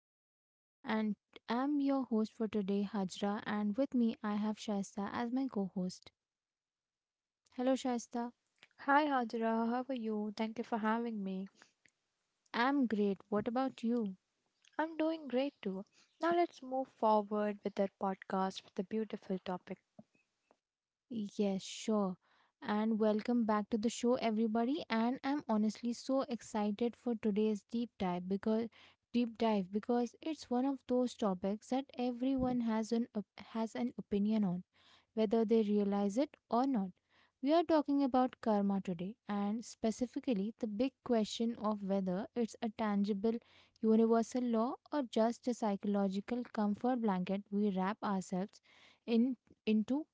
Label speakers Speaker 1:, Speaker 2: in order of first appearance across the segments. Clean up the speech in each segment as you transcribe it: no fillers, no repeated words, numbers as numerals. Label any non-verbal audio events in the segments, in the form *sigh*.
Speaker 1: our show. And I'm your host for today, Hajra. And with me, I have Shaista as my co host. Hello, Shaista.
Speaker 2: Hi Hajra, how are you? Thank you for having me.
Speaker 1: I'm great. What about you?
Speaker 2: I'm doing great too. Now let's move forward with our podcast with a beautiful topic.
Speaker 1: Yes, sure. And welcome back to the show, everybody. And I'm honestly so excited for today's deep dive because it's one of those topics that everyone has has an opinion on, whether they realize it or not. We are talking about karma today, and specifically the big question of whether it's a tangible universal law or just a psychological comfort blanket we wrap ourselves in into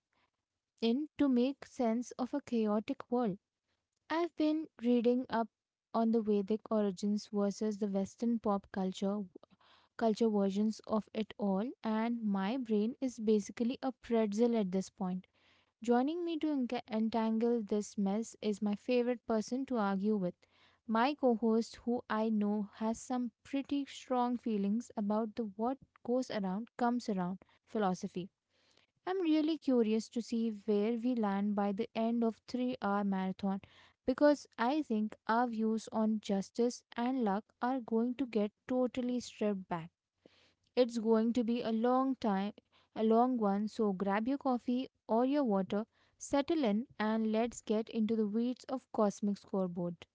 Speaker 1: in to make sense of a chaotic world. I've been reading up on the Vedic origins versus the Western pop culture versions of it all, and my brain is basically a pretzel at this point. Joining me to entangle this mess is my favorite person to argue with. My co host, who I know has some pretty strong feelings about the what goes around comes around philosophy. I'm really curious to see where we land by the end of 3-hour marathon, because I think our views on justice and luck are going to get totally stripped back. It's going to be a long time, a long one, so grab your coffee or your water, settle in, and let's get into the weeds of cosmic scoreboard.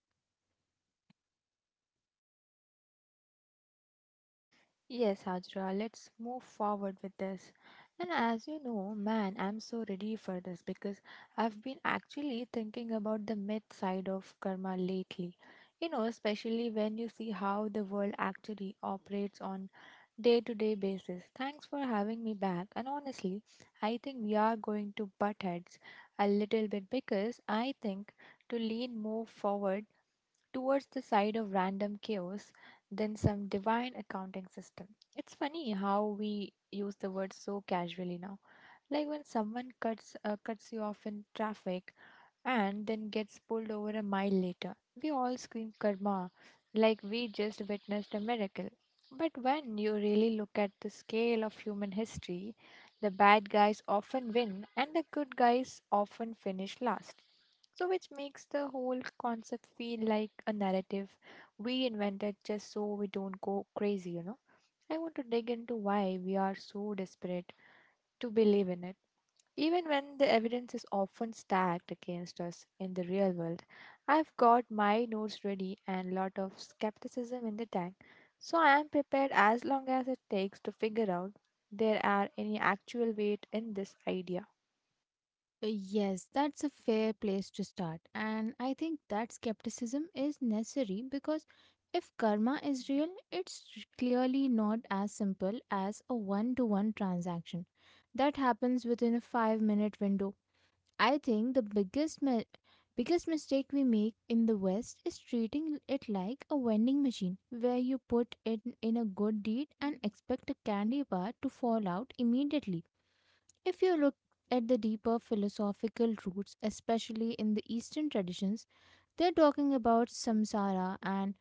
Speaker 2: Yes, Hajra, let's move forward with this. And as you know, man, I'm so ready for this because I've been actually thinking about the myth side of karma lately. You know, especially when you see how the world actually operates on day-to-day basis. Thanks for having me back. And honestly, I think we are going to butt heads a little bit because I think to lean more forward towards the side of random chaos than some divine accounting system. It's funny how we use the word so casually now. Like when someone cuts you off in traffic and then gets pulled over a mile later. We all scream karma like we just witnessed a miracle. But when you really look at the scale of human history, the bad guys often win and the good guys often finish last. So, which makes the whole concept feel like a narrative we invented just so we don't go crazy. I want to dig into why we are so desperate to believe in it. Even when the evidence is often stacked against us in the real world, I've got my notes ready and a lot of skepticism in the tank, so I am prepared as long as it takes to figure out there are any actual weight in this idea.
Speaker 1: Yes, that's a fair place to start. And I think that skepticism is necessary, because if karma is real, clearly not as simple as a one to one transaction that happens within a 5-minute window. I think the biggest mistake we make in the West is treating it like a vending machine, where you put it in a good deed and expect a candy bar to fall out immediately. If you look at the deeper philosophical roots, especially in the Eastern traditions, they're talking about samsara and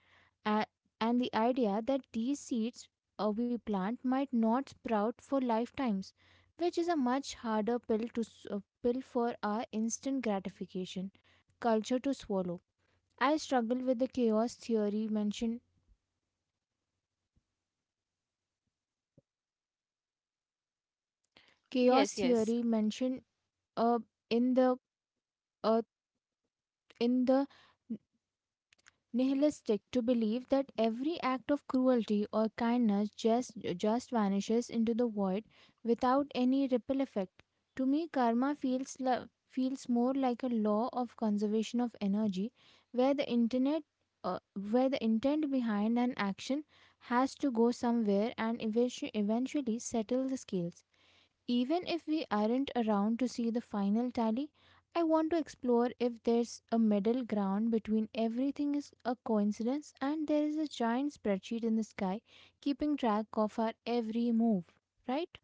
Speaker 1: a- and the idea that these seeds we plant might not sprout for lifetimes, which is a much harder pill pill for our instant gratification culture to swallow. I struggle with the chaos theory mentioned chaos
Speaker 2: Yes, yes.
Speaker 1: theory mentioned uh, in the uh, in the nihilistic to believe that every act of cruelty or kindness just vanishes into the void without any ripple effect. To me, karma feels more like a law of conservation of energy, where the internet uh, where the intent behind an action has to go somewhere and eventually settle the scales. Even if we aren't around to see the final tally, I want to explore if there's a middle ground between everything is a coincidence and there is a giant spreadsheet in the sky keeping track of our every move, right?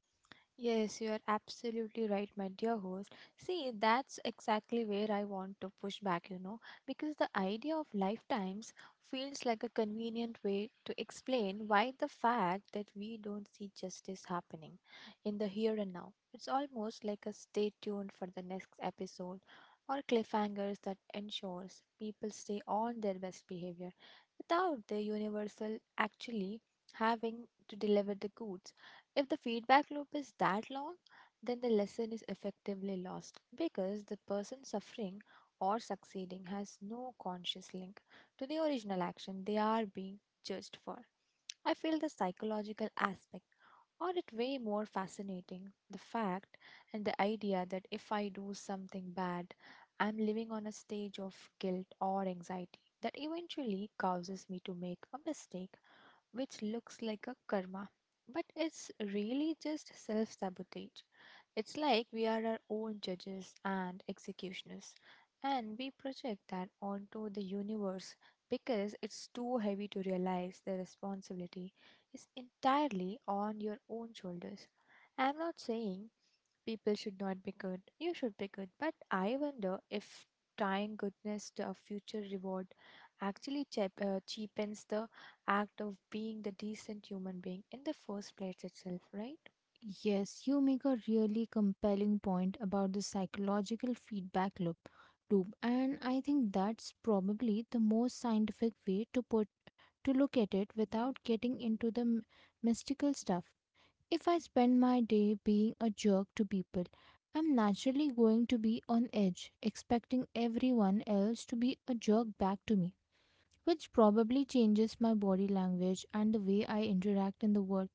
Speaker 2: Yes, you are absolutely right, my dear host. See, that's exactly where I want to push back, because the idea of lifetimes feels like a convenient way to explain why the fact that we don't see justice happening in the here and now. It's almost like a stay tuned for the next episode or cliffhangers that ensures people stay on their best behavior without the universal actually having to deliver the goods. If the feedback loop is that long, then the lesson is effectively lost because the person suffering or succeeding has no conscious link to the original action they are being judged for. I feel the psychological aspect or it way more fascinating the fact and the idea that if I do something bad, I'm living on a stage of guilt or anxiety that eventually causes me to make a mistake, which looks like a karma, but it's really just self sabotage. It's like we are our own judges and executioners, and we project that onto the universe because it's too heavy to realize the responsibility is entirely on your own shoulders. I'm not saying people should not be good. You should be good. But I wonder if tying goodness to a future reward actually chep cheapens the act of being the decent human being in the first place itself, right?
Speaker 1: Yes, you make a really compelling point about the psychological feedback loop, and I think that's probably the most scientific way to put to look at it without getting into the mystical stuff. If I spend my day being a jerk to people, I'm naturally going to be on edge, expecting everyone else to be a jerk back to me, which probably changes my body language and the way I interact in the world.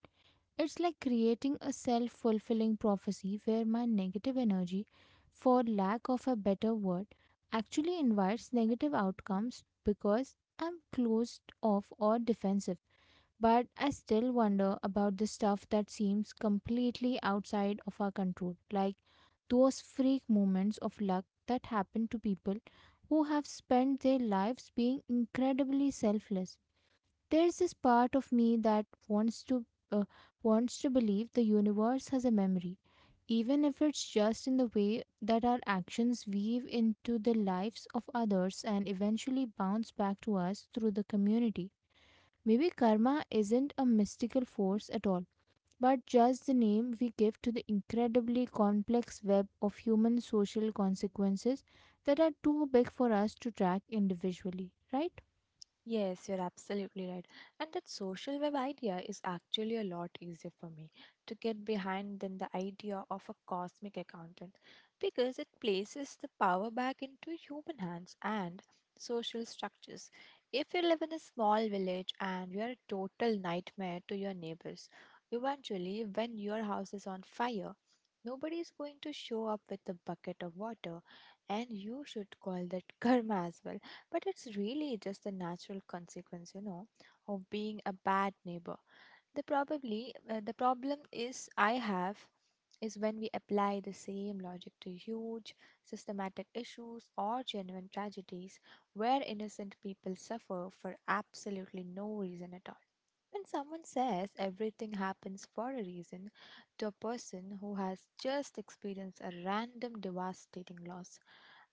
Speaker 1: It's like creating a self fulfilling prophecy, where my negative energy, for lack of a better word, actually invites negative outcomes because I'm closed off or defensive. But I still wonder about the stuff that seems completely outside of our control, like those freak moments of luck that happen to people who have spent their lives being incredibly selfless. There's this part of me that uh, wants to believe the universe has a memory, even if it's just in the way that our actions weave into the lives of others and eventually bounce back to us through the community. Maybe karma isn't a mystical force at all, but just the name we give to the incredibly complex web of human social consequences that are too big for us to track individually, right?
Speaker 2: Yes, you're absolutely right. And that social web idea is actually a lot easier for me to get behind than the idea of a cosmic accountant because it places the power back into human hands and social structures. If you live in a small village and you are a total nightmare to your neighbors, eventually, when your house is on fire, nobody is going to show up with a bucket of water, and you should call that *laughs* karma as well, but it's really just the natural consequence, of being a bad neighbor. The problem is I have is when we apply the same logic to huge systematic issues or genuine tragedies where innocent people suffer for absolutely no reason at all. When someone says everything happens for a reason to a person who has just experienced a random devastating loss,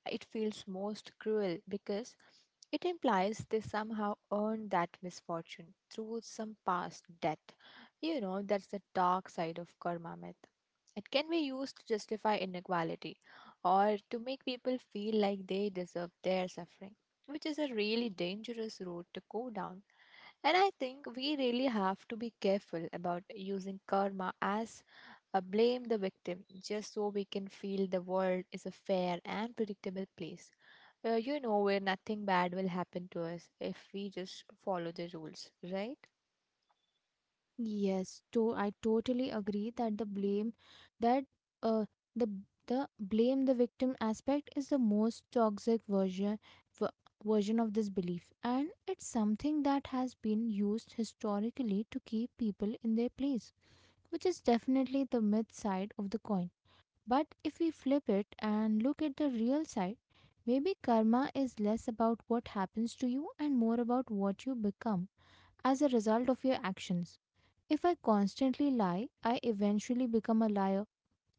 Speaker 2: it feels most cruel because it implies they somehow earned that misfortune through some past debt. You know, that's the dark side of karma myth. It can be used to justify inequality or to make people feel like they deserve their suffering, which is a really dangerous road to go down, and I think we really have to be careful about using karma as a blame the victim just so we can feel the world is a fair and predictable place. Where nothing bad will happen to us if we just follow the rules, right?
Speaker 1: Yes, to I totally agree that that uh the the blame the victim aspect is the most toxic v- version of this belief, and it's something that has been used historically to keep people in their place, which is definitely the myth side of the coin. But if we flip it and look at the real side, maybe karma is less about what happens to you and more about what you become as a result of your actions. If I constantly lie, I eventually become a liar,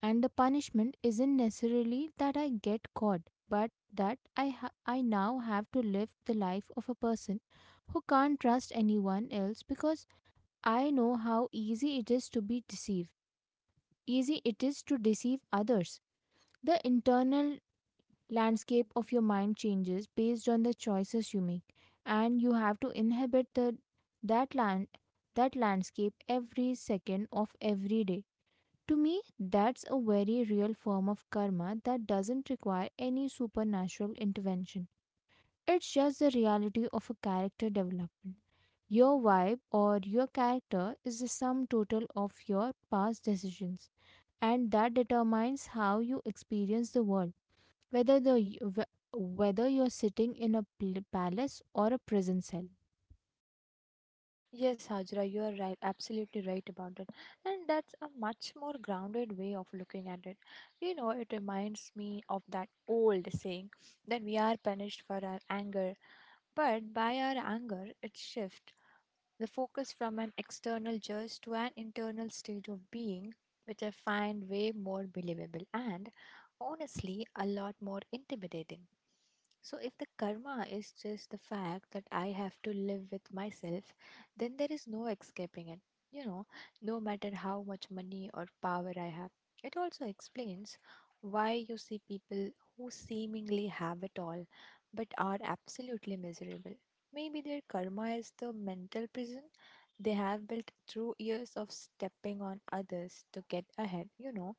Speaker 1: and the punishment isn't necessarily that I get caught, but that I now have to live the life of a person who can't trust anyone else, because I know how easy it is to deceive others. The internal landscape of your mind changes based on the choices you make, and you have to inhabit the that land that landscape every second of every day. To me, that's a very real form of karma that doesn't require any supernatural intervention. It's just the reality of a character development. Your vibe or your character is the sum total of your past decisions, and that determines how you experience the world, whether the whether you're sitting in a palace or a prison cell.
Speaker 2: Yes, Hajra, you are right, absolutely right about it. And that's a much more grounded way of looking at it. You know, it reminds me of that old saying that we are punished for our anger, but by our anger. It shifts the focus from an external judge to an internal state of being, which I find way more believable and honestly a lot more intimidating. So, if the karma is just the fact that I have to live with myself, then there is no escaping it. You know, no matter how much money or power I have. It also explains why you see people who seemingly have it all but are absolutely miserable. Maybe their karma is the mental prison they have built through years of stepping on others to get ahead.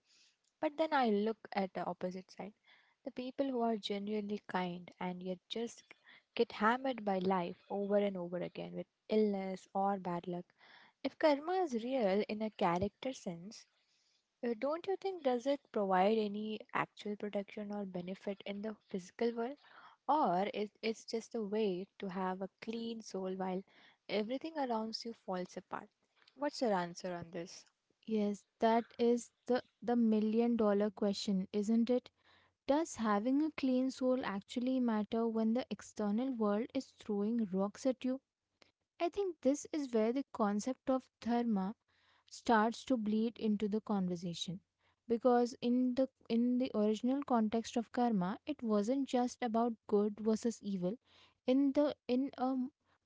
Speaker 2: But then I look at the opposite side, the people who are genuinely kind and yet just get hammered by life over and over again with illness or bad luck. If karma is real in a character sense, don't you think does it provide any actual protection or benefit in the physical world? Or is it's just a way to have a clean soul while everything around you falls apart? What's your answer on this?
Speaker 1: Yes, that is the million dollar question, isn't it? Does having a clean soul actually matter when the external world is throwing rocks at you? I think this is where the concept of dharma starts to bleed into the conversation, because in the original context of karma, it wasn't just about good versus evil in a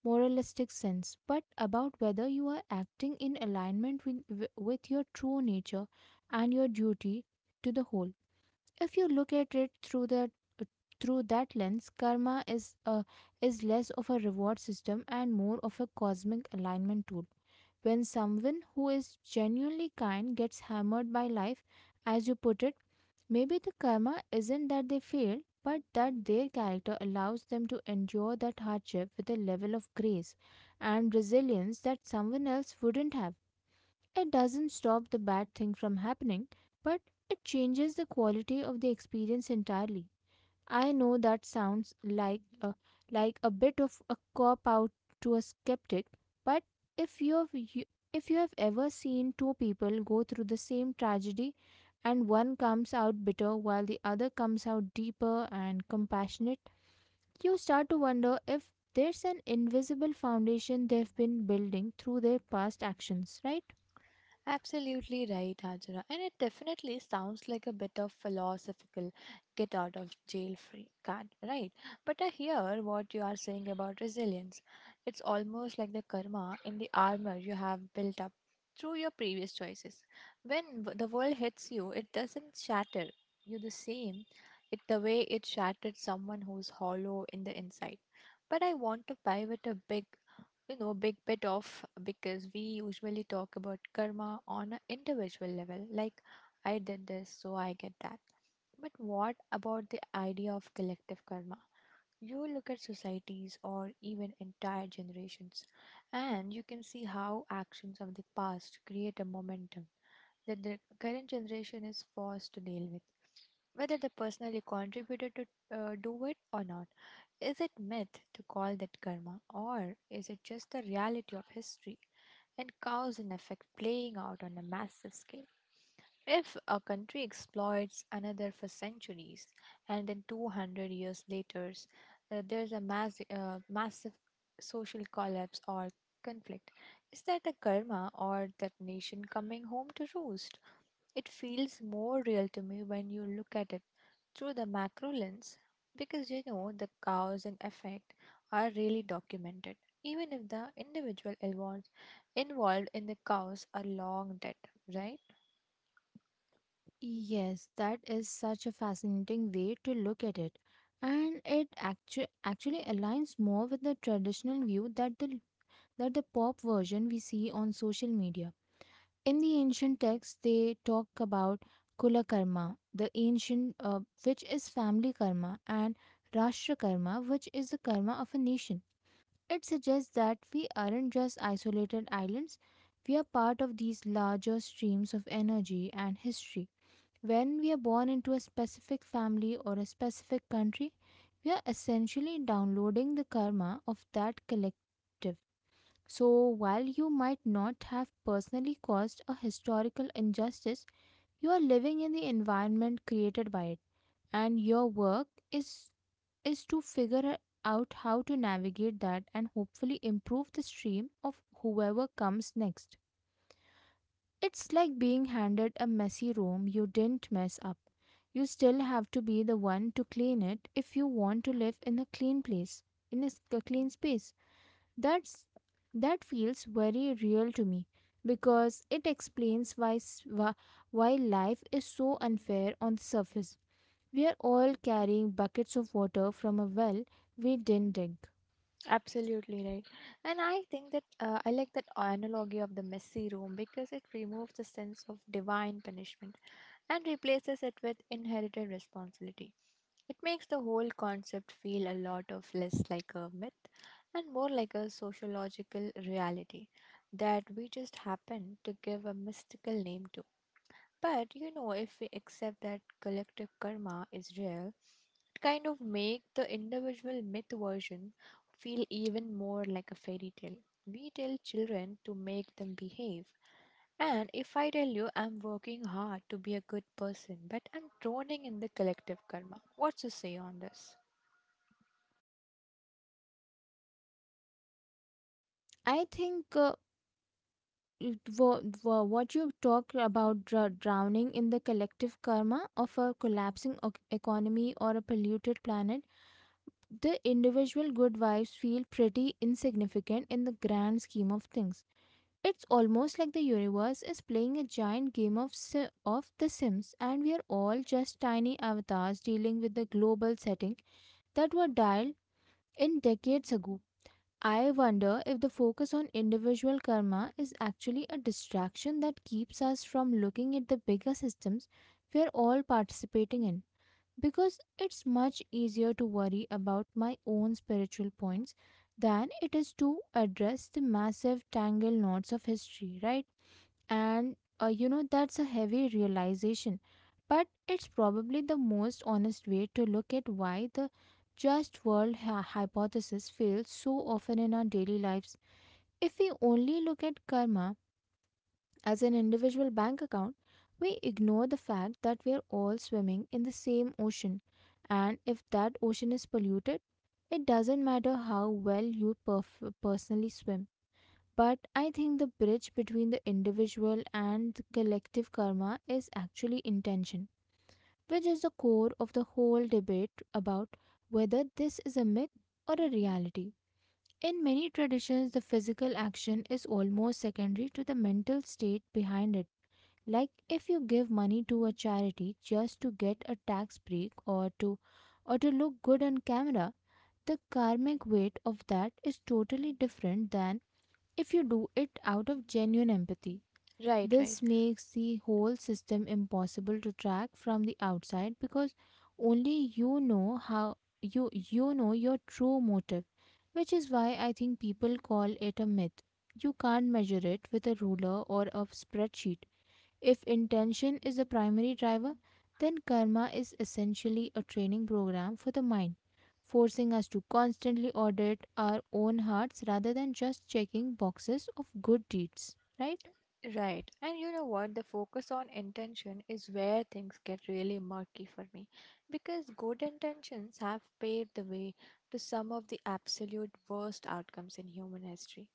Speaker 1: moralistic sense, but about whether you are acting in alignment with your true nature and your duty to the whole. If you look at it through that lens, karma is less of a reward system and more of a cosmic alignment tool. When someone who is genuinely kind gets hammered by life, as you put it, maybe the karma isn't that they failed, but that their character allows them to endure that hardship with a level of grace and resilience that someone else wouldn't have. It doesn't stop the bad thing from happening, but it changes the quality of the experience entirely. I know that sounds like a bit of a cop out to a skeptic, but if if you have ever seen two people go through the same tragedy, and one comes out bitter while the other comes out deeper and compassionate, you start to wonder if there's an invisible foundation they've been building through their past actions, right?
Speaker 2: Absolutely right, Hajra. And it definitely sounds like a bit of philosophical get out of jail free card, right? But I hear what you are saying about resilience. It's almost like the karma in the armor you have built up through your previous choices. When the world hits you, it doesn't shatter you the way it shattered someone who's hollow in the inside. But I want to pivot a big you know big bit off, because we usually talk about karma on an individual level, like, I did this, so I get that. But what about the idea of collective karma? You look at societies or even entire generations, and you can see how actions of the past create a momentum that the current generation is forced to deal with, whether they personally contributed to do it or not. Is it myth to call that karma, or is it just the reality of history and cause and effect playing out on a massive scale? If a country exploits another for centuries and then 200 years later there's a massive social collapse or conflict, is that a karma or that nation coming home to roost? It feels more real to me when you look at it through the macro lens, because you know the cause and effect are really documented, even if the individual involved in the cause are long dead, right?
Speaker 1: Yes, that is such a fascinating way to look at it. And it actually aligns more with the traditional view that the pop version we see on social media. In the ancient texts, they talk about kula karma, which is family karma, and rashtra karma, which is the karma of a nation. It suggests that we aren't just isolated islands, we are part of these larger streams of energy and history. When we are born into a specific family or a specific country, we are essentially downloading the karma of that collective. So, while you might not have personally caused a historical injustice, you are living in the environment created by it, and your work is to figure out how to navigate that and hopefully improve the stream of whoever comes next. It's like being handed a messy room you didn't mess up. You still have to be the one to clean it if you want to live in a clean place, in a clean space. That's that feels very real to me, because it explains why life is so unfair on the surface. We are all carrying buckets of water from a well we didn't dig.
Speaker 2: Absolutely right. And I think that I like that analogy of the messy room, because it removes the sense of divine punishment and replaces it with inherited responsibility. It makes the whole concept feel a lot of less like a myth and more like a sociological reality that we just happen to give a mystical name to. But, if we accept that collective karma is real, it kind of make the individual myth version feel even more like a fairy tale. We tell children to make them behave. And if I tell you I'm working hard to be a good person, but I'm drowning in the collective karma, what you say on this?
Speaker 1: I think what you talked about, drowning in the collective karma of a collapsing economy or a polluted planet, the individual good vibes feel pretty insignificant in the grand scheme of things. It's almost like the universe is playing a giant game of The Sims, and we are all just tiny avatars dealing with the global setting that were dialed in decades ago. I wonder if the focus on individual karma is actually a distraction that keeps us from looking at the bigger systems we are all participating in, because it's much easier to worry about my own spiritual points than it is to address the massive tangle knots of history, right? And that's a heavy realization, but it's probably the most honest way to look at why the just world hypothesis fails so often in our daily lives. If we only look at karma as an individual bank account, we ignore the fact that we are all swimming in the same ocean, and if that ocean is polluted, it doesn't matter how well you personally swim. But I think the bridge between the individual and the collective karma is actually intention, which is the core of the whole debate about whether this is a myth or a reality. In many traditions, the physical action is almost secondary to the mental state behind it. Like if you give money to a charity just to get a tax break or to look good on camera, the karmic weight of that is totally different than if you do it out of genuine empathy.
Speaker 2: Right, right.
Speaker 1: This makes the whole system impossible to track from the outside because only you know how you know your true motive, which is why I think people call it a myth. You can't measure it with a ruler or a spreadsheet. If intention is the primary driver, then karma is essentially a training program for the mind, forcing us to constantly audit our own hearts rather than just checking boxes of good deeds, right?
Speaker 2: Right. And you know what? The focus on intention is where things get really murky for me, because good intentions have paved the way to some of the absolute worst outcomes in human history.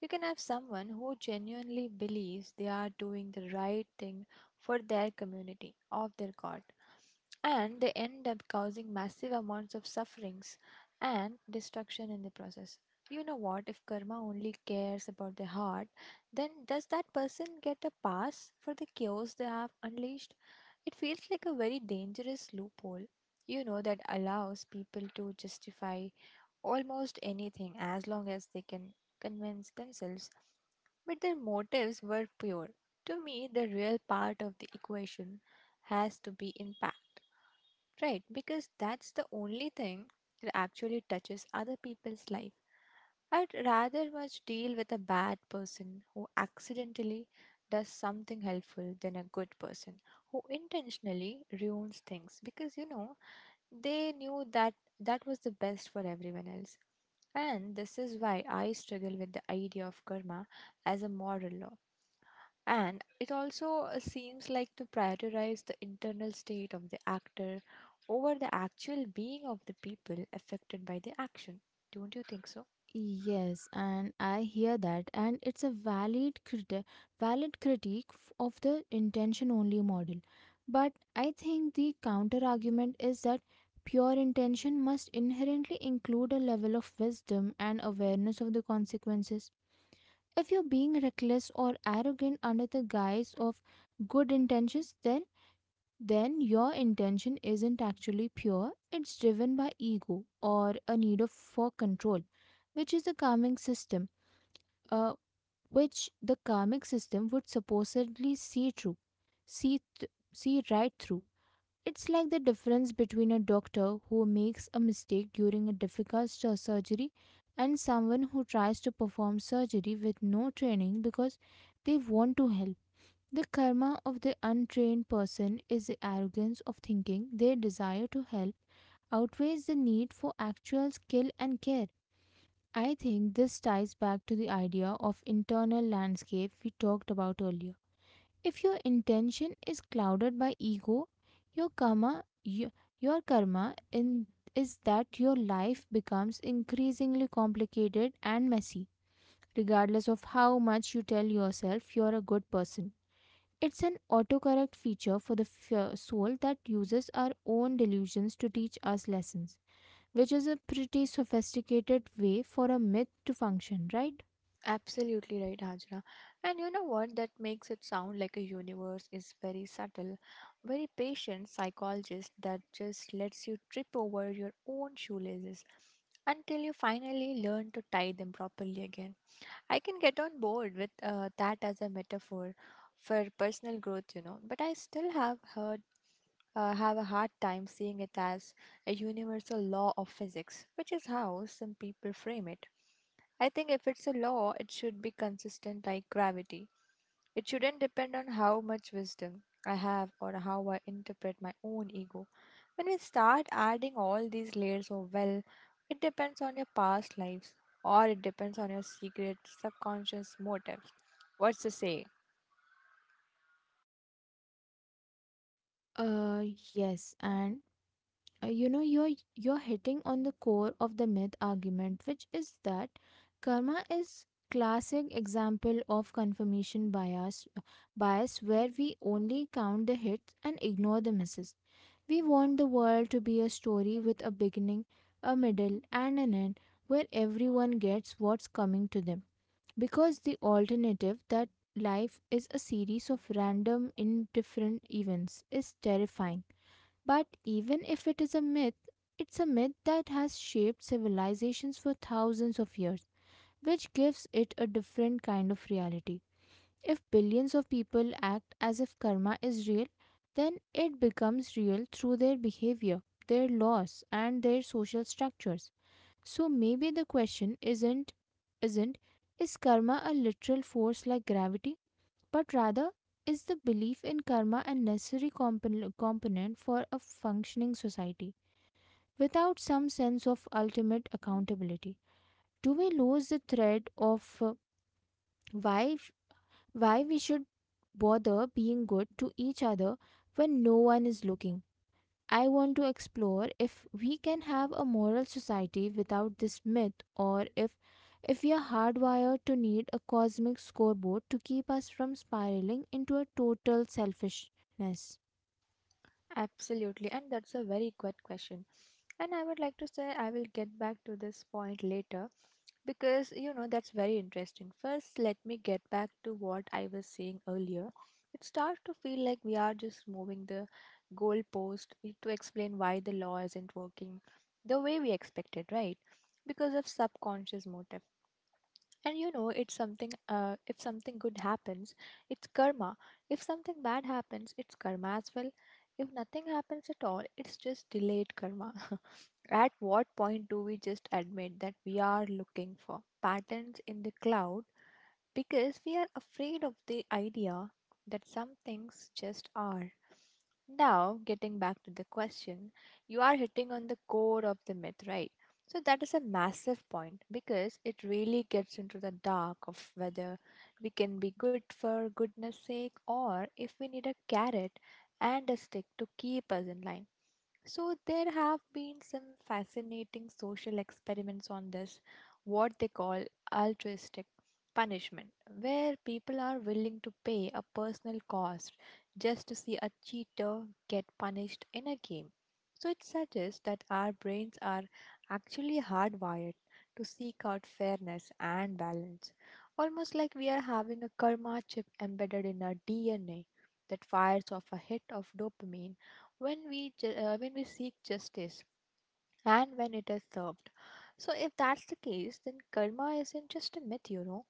Speaker 2: You can have someone who genuinely believes they are doing the right thing for their community, of their god, and they end up causing massive amounts of sufferings and destruction in the process. You know what? If karma only cares about the heart, then does that person get a pass for the chaos they have unleashed? It feels like a very dangerous loophole, that allows people to justify almost anything as long as they can convince themselves, but their motives were pure. To me, the real part of the equation has to be impact, right? Because that's the only thing that actually touches other people's life. I'd rather much deal with a bad person who accidentally does something helpful than a good person who intentionally ruins things, because they knew that that was the best for everyone else. And this is why I struggle with the idea of karma as a moral law. And it also seems like to prioritize the internal state of the actor over the actual being of the people affected by the action. Don't you think so?
Speaker 1: Yes, and I hear that, and it's a valid critique of the intention only model. But I think the counter argument is that pure intention must inherently include a level of wisdom and awareness of the consequences. If you're being reckless or arrogant under the guise of good intentions, then your intention isn't actually pure, it's driven by ego or a for control, which is the karmic system, uh, which the karmic system would supposedly see right through. It's like the difference between a doctor who makes a mistake during a difficult surgery and someone who tries to perform surgery with no training because they want to help. The karma of the untrained person is the arrogance of thinking their desire to help outweighs the need for actual skill and care. I think this ties back to the idea of internal landscape we talked about earlier. If your intention is clouded by ego, your karma y- your karma in is that your life becomes increasingly complicated and messy, regardless of how much you tell yourself you're a good person. It's an autocorrect feature for the soul that uses our own delusions to teach us lessons, which is a pretty sophisticated way for a myth to function, right?
Speaker 2: Absolutely right, Hajra. And you know what? That makes it sound like a universe is very subtle, very patient psychologist that just lets you trip over your own shoelaces until you finally learn to tie them properly again. I can get on board with that as a metaphor for personal growth, you know, but I still have heard have a hard time seeing it as a universal law of physics, which is how some people frame it. I think if it's a law, it should be consistent like gravity. It shouldn't depend on how much wisdom I have or how I interpret my own ego. When we start adding all these layers of, well, it depends on your past lives or it depends on your secret subconscious motives. What's to say?
Speaker 1: Uh, yes, and you know you're hitting on the core of the myth argument, which is that karma is classic example of confirmation bias where we only count the hits and ignore the misses. We want the world to be a story with a beginning, a middle, and an end where everyone gets what's coming to them. Because the alternative, that life is a series of random, indifferent events, is terrifying. But even if it is a myth, it's a myth that has shaped civilizations for thousands of years, which gives it a different kind of reality. If billions of people act as if karma is real, then it becomes real through their behavior, their laws, and their social structures. So maybe the question isn't is karma a literal force like gravity, but rather is the belief in karma a necessary component for a functioning society without some sense of ultimate accountability? Do we lose the thread of why why we should bother being good to each other when no one is looking? I want to explore if we can have a moral society without this myth, or if we are hardwired to need a cosmic scoreboard to keep us from spiraling into a total selfishness.
Speaker 2: Absolutely, and that's a very good question. And I would like to say I will get back to this point later because you know that's very interesting. First, let me get back to what I was saying earlier. It starts to feel like we are just moving the goalpost to explain why the law isn't working the way we expected, right? Because of subconscious motive. And you know, it's something, if something good happens, it's karma. If something bad happens, it's karma as well. If nothing happens at all, it's just delayed karma. *laughs* At what point do we just admit that we are looking for patterns in the cloud because we are afraid of the idea that some things just are? Now, getting back to the question, you are hitting on the core of the myth, right? So, that is a massive point because it really gets into the dark of whether we can be good for goodness sake or if we need a carrot and a stick to keep us in line. So, there have been some fascinating social experiments on this, what they call altruistic punishment, where people are willing to pay a personal cost just to see a cheater get punished in a game. So it suggests that our brains are actually hardwired to seek out fairness and balance, almost like we are having a karma chip embedded in our DNA that fires off a hit of dopamine when when we seek justice and when it is served. So, if that's the case, then karma isn't just a myth, you know.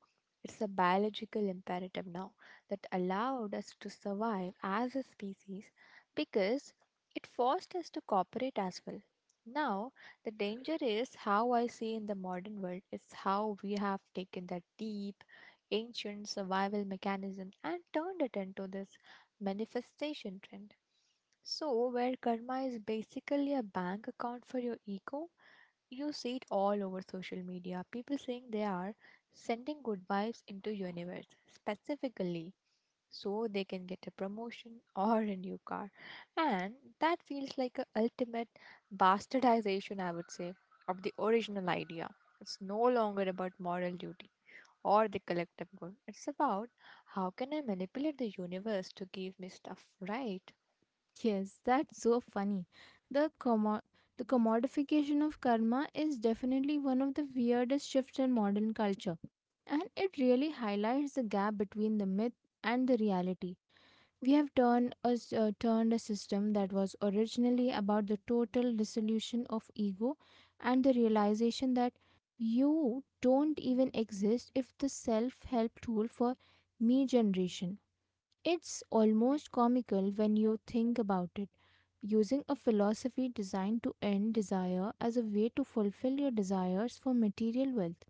Speaker 2: It's a biological imperative now that allowed us to survive as a species because it forced us to cooperate as well. Now, the danger is how I see in the modern world is how we have taken that deep, ancient survival mechanism and turned it into this manifestation trend. So, where karma is basically a bank account for your ego, you see it all over social media. People saying they are sending good vibes into universe specifically so they can get a promotion *laughs* or a new car. And that feels like a ultimate bastardization, I would say, of the original idea. It's no longer about moral duty or the collective good. It's about how can I manipulate the universe to give me stuff, right?
Speaker 1: Yes, that's so funny. The commodification of karma is definitely one of the weirdest shifts in modern culture, and it really highlights the gap between the myth and the reality. We have turned a system that was originally about the total dissolution of ego and the realization that you don't even exist if the self help tool for me generation it's almost comical when you think about it. Using a philosophy designed to end desire as a way to fulfill your desires for material wealth.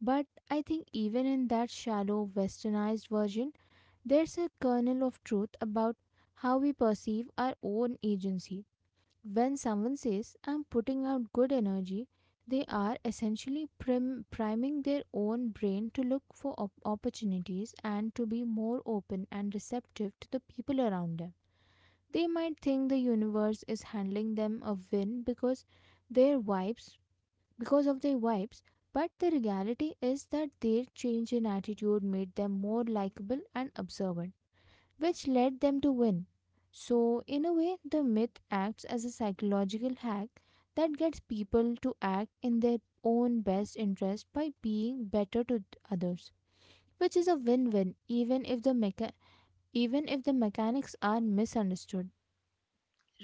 Speaker 1: But I think even in that shallow, westernized version, there's a kernel of truth about how we perceive our own agency. When someone says, I'm putting out good energy, they are essentially priming their own brain to look for opportunities and to be more open and receptive to the people around them. They might think the universe is handling them a win because their vibes, because of their vibes, but the reality is that their change in attitude made them more likable and observant, which led them to win. So, in a way, the myth acts as a psychological hack that gets people to act in their own best interest by being better to others, which is a win-win even if the mechanics are misunderstood.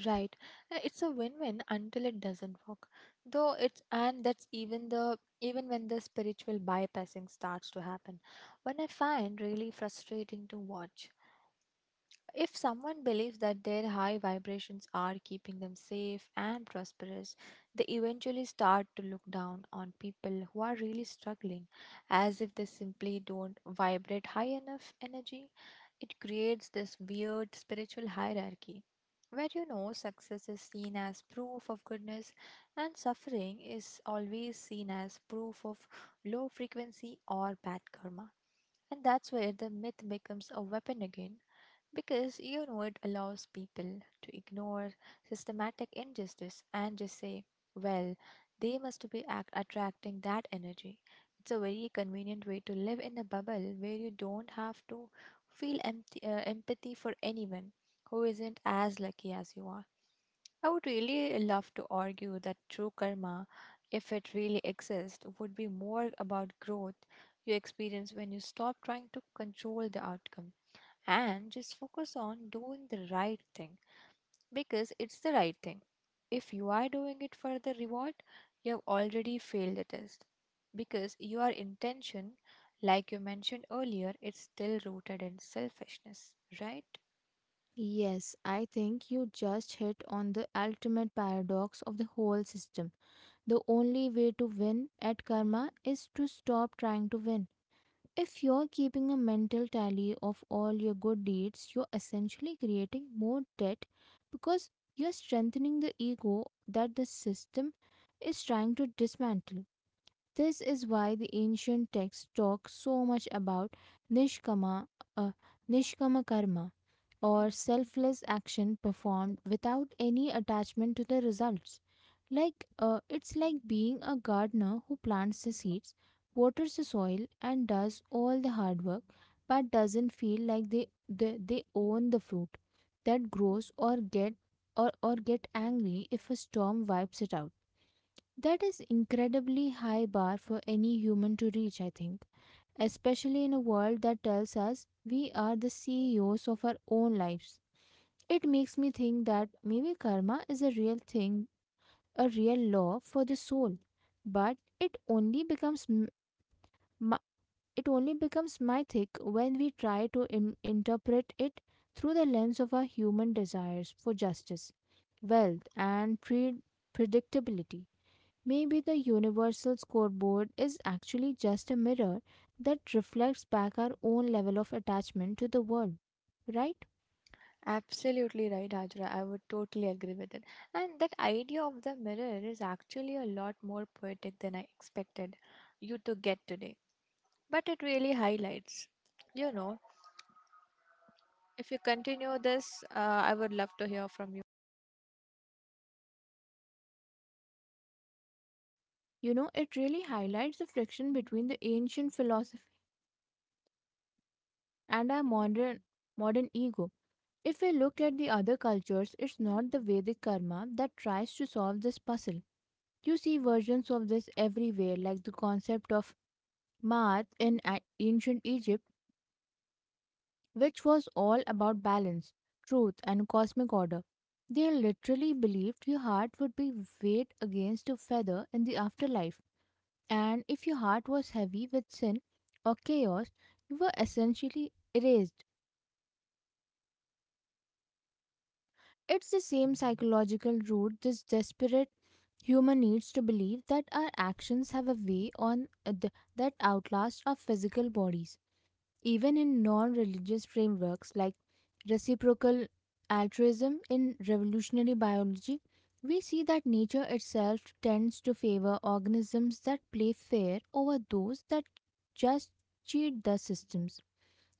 Speaker 2: Right. It's a win-win until it doesn't work. Though it's, and that's even the even when the spiritual bypassing starts to happen. When I find really frustrating to watch. If someone believes that their high vibrations are keeping them safe and prosperous, they eventually start to look down on people who are really struggling, as if they simply don't vibrate high enough energy. It creates this weird spiritual hierarchy where you know success is seen as proof of goodness and suffering is always seen as proof of low frequency or bad karma. And that's where the myth becomes a weapon again because you know it allows people to ignore systematic injustice and just say, well, they must be attracting that energy. It's a very convenient way to live in a bubble where you don't have to feel empathy for anyone who isn't as lucky as you are. I would really love to argue that true karma, if it really exists, would be more about growth you experience when you stop trying to control the outcome and just focus on doing the right thing because it's the right thing. If you are doing it for the reward, you have already failed the test because your intention, like you mentioned earlier, it's still rooted in selfishness, right?
Speaker 1: Yes, I think you just hit on the ultimate paradox of the whole system. The only way to win at karma is to stop trying to win. If you're keeping a mental tally of all your good deeds, you're essentially creating more debt because you're strengthening the ego that the system is trying to dismantle. This is why the ancient texts talk so much about nishkama, uh, nishkama karma, or selfless action performed without any attachment to the results. It's like being a gardener who plants the seeds, waters the soil, and does all the hard work, but doesn't feel like they own the fruit that grows, or get angry if a storm wipes it out. That is incredibly high bar for any human to reach, I think, especially in a world that tells us we are the CEOs of our own lives. It makes me think that maybe karma is a real thing, a real law for the soul, but it only mi- becomes mythic when we try to interpret it through the lens of our human desires for justice, wealth, and predictability. Maybe the universal scoreboard is actually just a mirror that reflects back our own level of attachment to the world, right?
Speaker 2: Absolutely right, Hajra. I would totally agree with it. And that idea of the mirror is actually a lot more poetic than I expected you to get today. But it really highlights. You know, if you continue this, uh, I would love to hear from you.
Speaker 1: You know, it really highlights the friction between the ancient philosophy and our modern ego. If we look at the other cultures, it's not the Vedic karma that tries to solve this puzzle. You see versions of this everywhere, like the concept of Maat in ancient Egypt, which was all about balance, truth, and cosmic order. They literally believed your heart would be weighed against a feather in the afterlife, and if your heart was heavy with sin or chaos, you were essentially erased. It's the same psychological route. This desperate human needs to believe that our actions have a way on that outlasts our physical bodies. Even in non-religious frameworks like reciprocal altruism in evolutionary biology, we see that nature itself tends to favor organisms that play fair over those that just cheat the systems.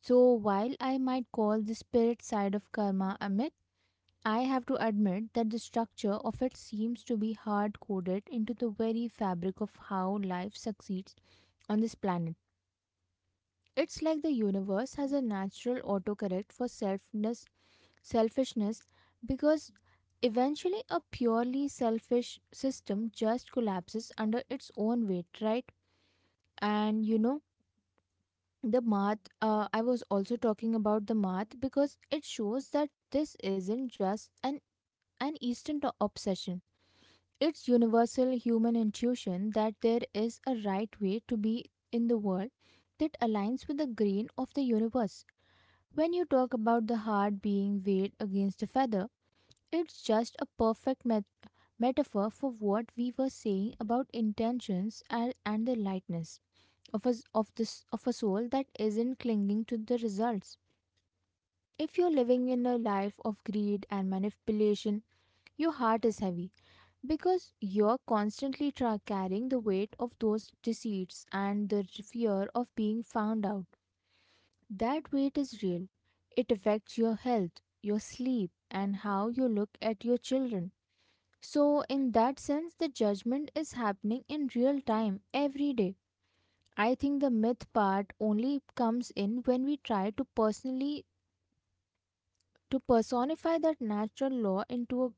Speaker 1: So while I might call the spirit side of karma a myth, I have to admit that the structure of it seems to be hard coded into the very fabric of how life succeeds on this planet. It's like the universe has a natural autocorrect for selfishness, because eventually a purely selfish system just collapses under its own weight, right? And you know, I was also talking about the math because it shows that this isn't just an Eastern obsession. It's universal human intuition that there is a right way to be in the world that aligns with the grain of the universe. When you talk about the heart being weighed against a feather, it's just a perfect metaphor for what we were saying about intentions and the lightness of a, s- of, this, of a soul that isn't clinging to the results. If you're living in a life of greed and manipulation, your heart is heavy because you're constantly carrying the weight of those deceits and the fear of being found out. That weight is real. It affects your health, your sleep, and how you look at your children. So, in that sense, the judgment is happening in real time every day. I think the myth part only comes in when we try to personally to personify that natural law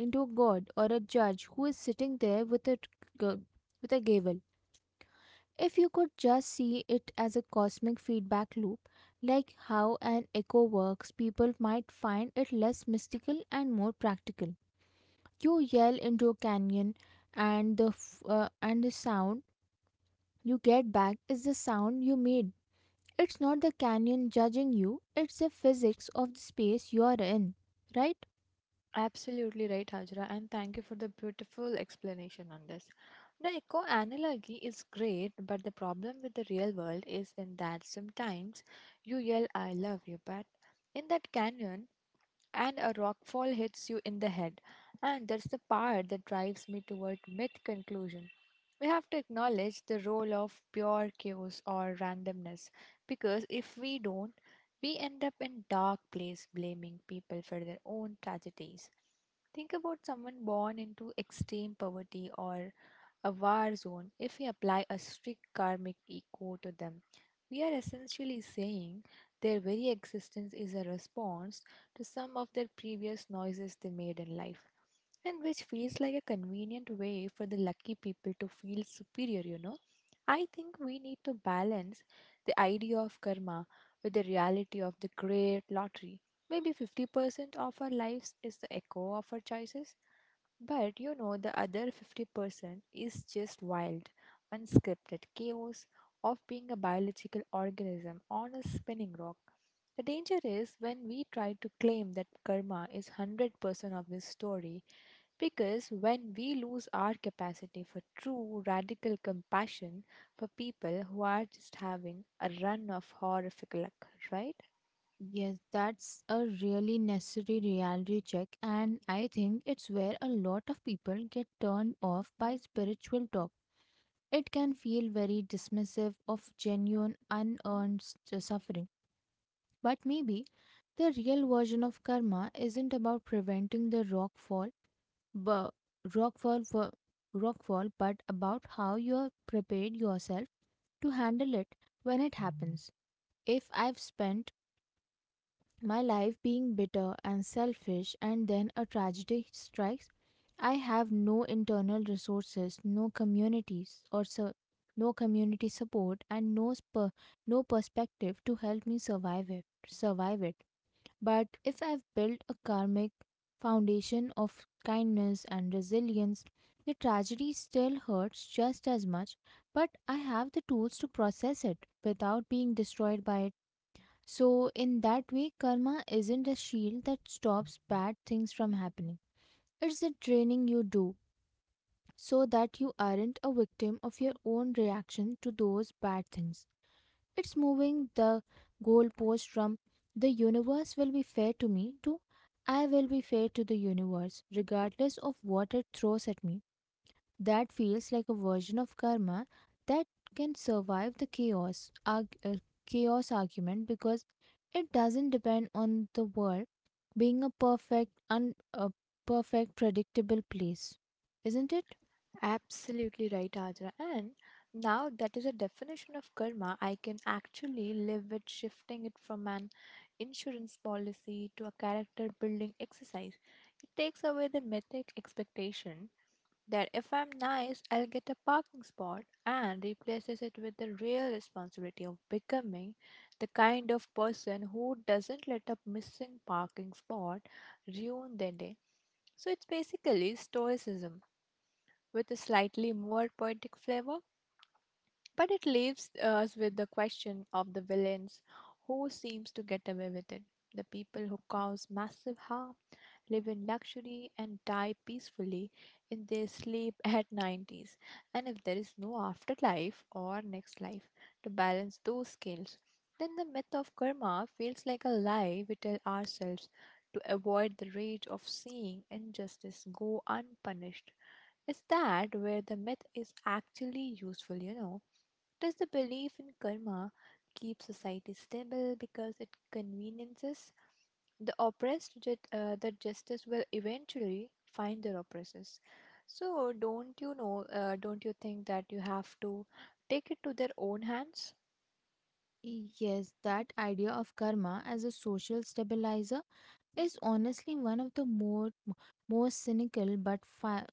Speaker 1: into a god or a judge who is sitting there with a g- with a gavel. If you could just see it as a cosmic feedback loop, like how an echo works, people might find it less mystical and more practical. You yell into a canyon, and the sound you get back is the sound you made. It's not the canyon judging you, it's the physics of the space you are in, right?
Speaker 2: Absolutely right, Hajra, and thank you for the beautiful explanation on this. The eco analogy is great, but the problem with the real world is in that sometimes you yell, I love you, but in that canyon, and a rockfall hits you in the head. And that's the part that drives me toward myth conclusion. We have to acknowledge the role of pure chaos or randomness because if we don't, we end up in dark place blaming people for their own tragedies. Think about someone born into extreme poverty or a war zone. If we apply a strict karmic echo to them, we are essentially saying their very existence is a response to some of their previous noises they made in life, and which feels like a convenient way for the lucky people to feel superior, you know. I think we need to balance the idea of karma with the reality of the great lottery. Maybe 50% of our lives is the echo of our choices, but you know, the other 50% is just wild, unscripted chaos of being a biological organism on a spinning rock. The danger is when we try to claim that karma is 100% of this story, because when we lose our capacity for true radical compassion for people who are just having a run of horrific luck, right?
Speaker 1: Yes, that's a really necessary reality check, and I think it's where a lot of people get turned off by spiritual talk. It can feel very dismissive of genuine, suffering. But maybe the real version of karma isn't about preventing the rock fall, but rock fall for rock fall, but about how you have prepared yourself to handle it when it happens. If I've spent my life being bitter and selfish and then a tragedy strikes, I have no internal resources, no communities or so no community support, and no perspective to help me survive it. But if I've built a karmic foundation of kindness and resilience, the tragedy still hurts just as much, but I have the tools to process it without being destroyed by it. So, in that way, karma isn't a shield that stops bad things from happening. It's the training you do so that you aren't a victim of your own reaction to those bad things. It's moving the goalpost from "the universe will be fair to me" to "I will be fair to the universe, regardless of what it throws at me." That feels like a version of karma that can survive the chaos argument, because it doesn't depend on the world being a perfect predictable place. Isn't it?
Speaker 2: Absolutely right, Ajra. And now that is a definition of karma I can actually live with, shifting it from an insurance policy to a character building exercise. It takes away the mythic expectation that if I'm nice, I'll get a parking spot and replaces it with the real responsibility of becoming the kind of person who doesn't let a missing parking spot ruin their day. So it's basically stoicism with a slightly more poetic flavor, but it leaves us with the question of the villains who seems to get away with it, the people who cause massive harm, live in luxury, and die peacefully in their sleep *laughs* at 90s. And if there is no afterlife or next life to balance those scales, then the myth of karma feels like a lie we tell ourselves to avoid the rage of seeing injustice go unpunished. Is that where the myth is actually useful, you know? Does the belief in karma keep society stable because it conveniences the oppressed, that justice will eventually find their oppressors? So don't you know, don't you think that you have to take it to their own hands?
Speaker 1: Yes, that idea of karma as a social stabilizer is honestly one of the more most cynical but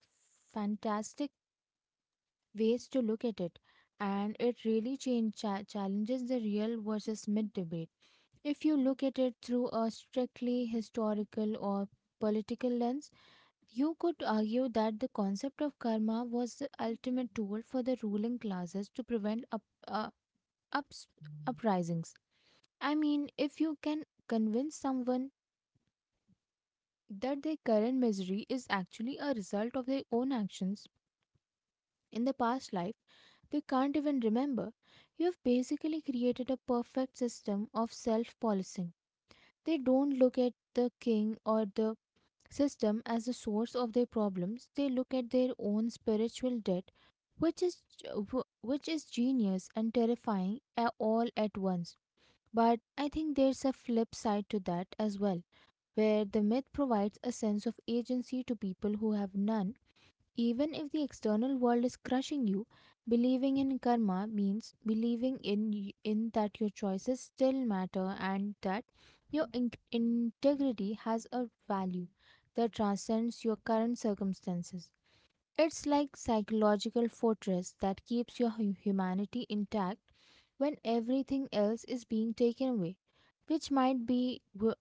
Speaker 1: fantastic ways to look at it, and it really challenges the real versus myth debate. If you look at it through a strictly historical or political lens, you could argue that the concept of karma was the ultimate tool for the ruling classes to prevent ups, uprisings. I mean, if you can convince someone that their current misery is actually a result of their own actions in the past life, they can't even remember. You have basically created a perfect system of self policing. They don't look at the king or the system as the source of their problems, they look at their own spiritual debt, which is which is genius and terrifying all at once. But I think there's a flip side to that as well, where the myth provides a sense of agency to people who have none. Even if the external world is crushing you, believing in karma means believing in that your choices still matter and that your integrity has a value that transcends your current circumstances. It's like psychological fortress that keeps your humanity intact when everything else is being taken away, which might be wh-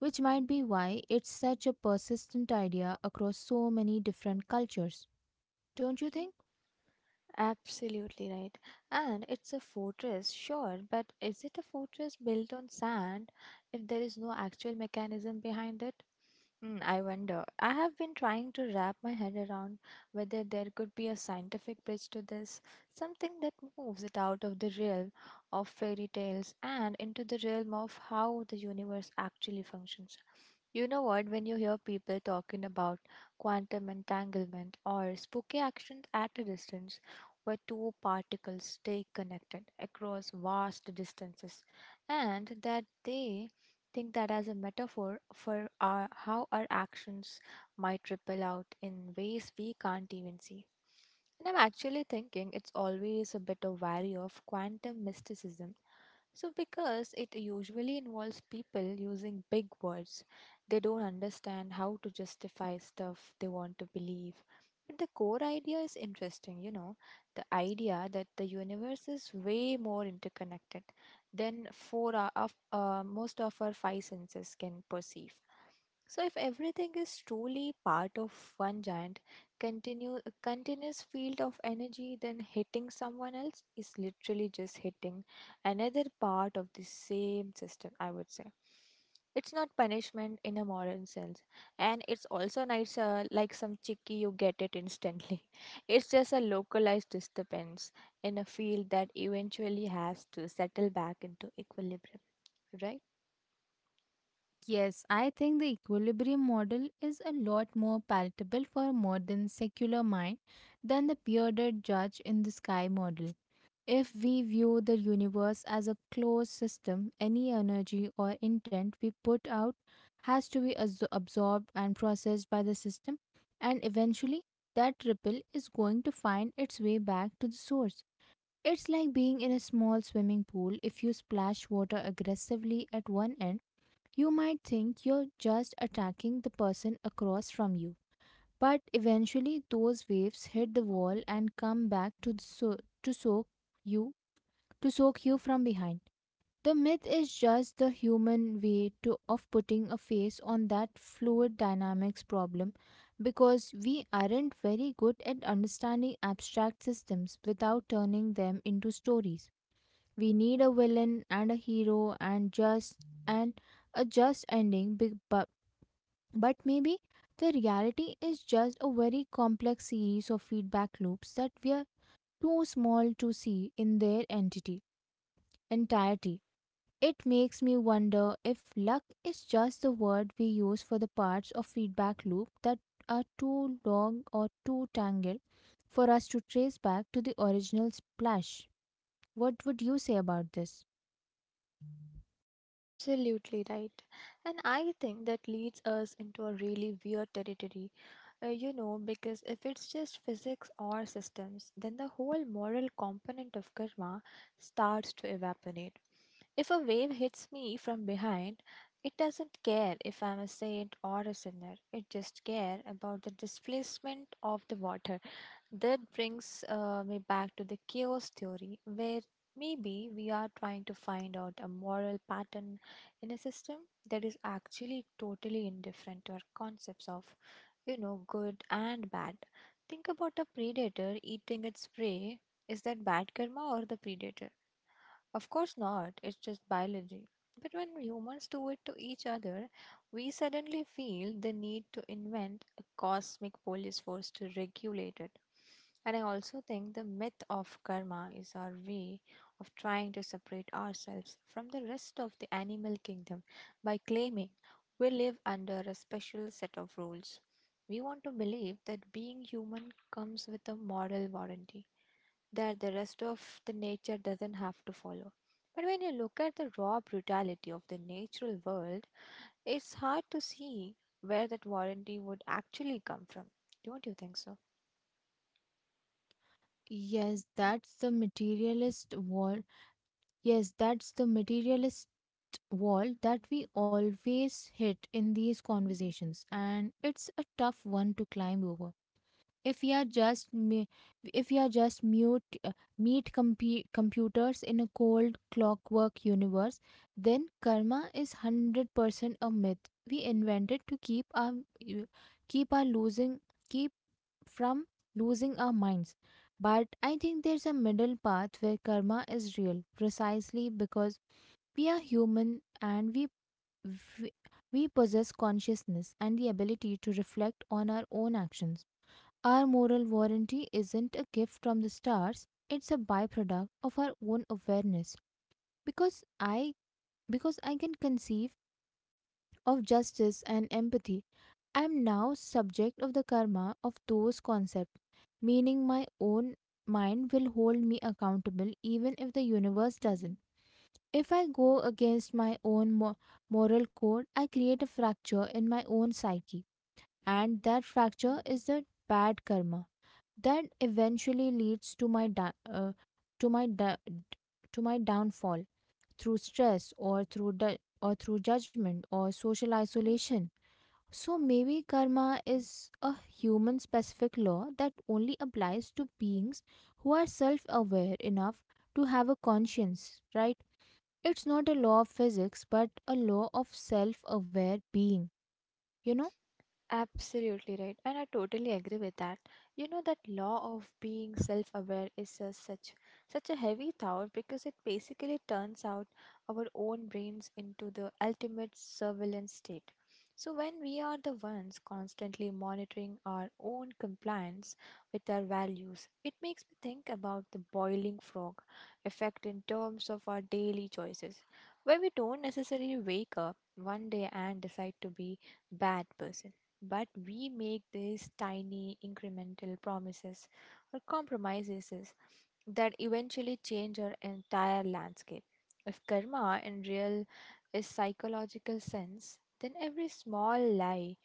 Speaker 1: which might be why it's such a persistent idea across so many different cultures, don't you think?
Speaker 2: Absolutely right. And it's a fortress, sure, but is it a fortress built on sand if there is no actual mechanism behind it? Hmm, I wonder. I have been trying to wrap my head around whether there could be a scientific bridge to this, something that moves it out of the realm of fairy tales and into the realm of how the universe actually functions. You know what, when you hear people talking about quantum entanglement or spooky actions at a distance, where two particles stay connected across vast distances, and that they think that as a metaphor for our, how our actions might ripple out in ways we can't even see. And I'm actually thinking it's always a bit of value of quantum mysticism. So, because it usually involves people using big words, they don't understand how to justify stuff they want to believe. But the core idea is interesting, you know, the idea that the universe is way more interconnected than four o- of most of our five senses can perceive. So if everything is truly part of one giant continue continuous field of energy, then hitting someone else is literally just hitting another part of the same system, I would say. It's not punishment in a modern sense, and it's also nice, like some chicky, you get it instantly. *laughs* It's just a localized disturbance in a field that eventually has to settle back into equilibrium, right?
Speaker 1: Yes, I think the equilibrium model is a lot more palatable for a modern secular mind than the bearded judge in the sky model. If we view the universe as a closed system, any energy or intent we put out has to be absorbed and processed by the system, and eventually that ripple is going to find its way back to the source. It's like being in a small swimming pool. If you splash water aggressively at one end, you might think you're just attacking the person across from you. But eventually, those waves hit the wall and come back to soak you you from behind. The myth is just the human way to of putting a face on that fluid dynamics problem, because we aren't very good at understanding abstract systems without turning them into stories. We need a villain and a hero and just and a just ending big but maybe the reality is just a very complex series of feedback loops that we are too small to see in their entity entirety. It makes me wonder if luck is just the word we use for the parts of feedback loop that are too long or too tangled for us to trace back to the original splash. What would you say about this?
Speaker 2: Absolutely right. And I think that leads us into a really weird territory. You know, because if it's just physics or systems, then the whole moral component of karma starts to evaporate. If a wave hits me from behind, it doesn't care if I'm a saint or a sinner. It just cares about the displacement of the water. That brings me back to the chaos theory, where maybe we are trying to find out a moral pattern in a system that is actually totally indifferent to our concepts of, you know, good and bad. Think about a predator eating its prey. Is that bad karma or the predator? Of course not, it's just biology. But when humans do it to each other, we suddenly feel the need to invent a cosmic police force to regulate it. And I also think the myth of karma is our way of trying to separate ourselves from the rest of the animal kingdom by claiming we live under a special set of rules. We want to believe that being human comes with a moral warranty that the rest of the nature doesn't have to follow. But when you look at the raw brutality of the natural world, it's hard to see where that warranty would actually come from. Don't you think so?
Speaker 1: Yes, that's the materialist wall. Yes, that's the materialist wall that we always hit in these conversations, and it's a tough one to climb over. If we are just me- If we are just mute meet computers in a cold clockwork universe, then karma is 100% a myth we invented to keep our losing keep from losing our minds. But I think there's a middle path where karma is real, precisely because we are human and we, we possess consciousness and the ability to reflect on our own actions. Our moral warranty isn't a gift from the stars, it's a byproduct of our own awareness. Because I because I can conceive of justice and empathy, I am now subject of the karma of those concepts, meaning my own mind will hold me accountable even if the universe doesn't. If I go against my own moral code, I create a fracture in my own psyche, and that fracture is the bad karma that eventually leads uh, to my da- to my downfall through stress or or through judgment or social isolation. So maybe karma is a human specific law that only applies to beings who are self aware enough to have a conscience, right? It's not a law of physics but a law of self aware being, you know?
Speaker 2: Absolutely right, and I totally agree with that. You know that law of being self-aware is a, such a heavy thought because it basically turns out our own brains into the ultimate surveillance state. So when we are the ones constantly monitoring our own compliance with our values, it makes me think about the boiling frog effect in terms of our daily choices, where we don't necessarily wake up one day and decide to be bad person, but we make these tiny incremental promises or compromises that eventually change our entire landscape. If karma in real is psychological sense, then every small lie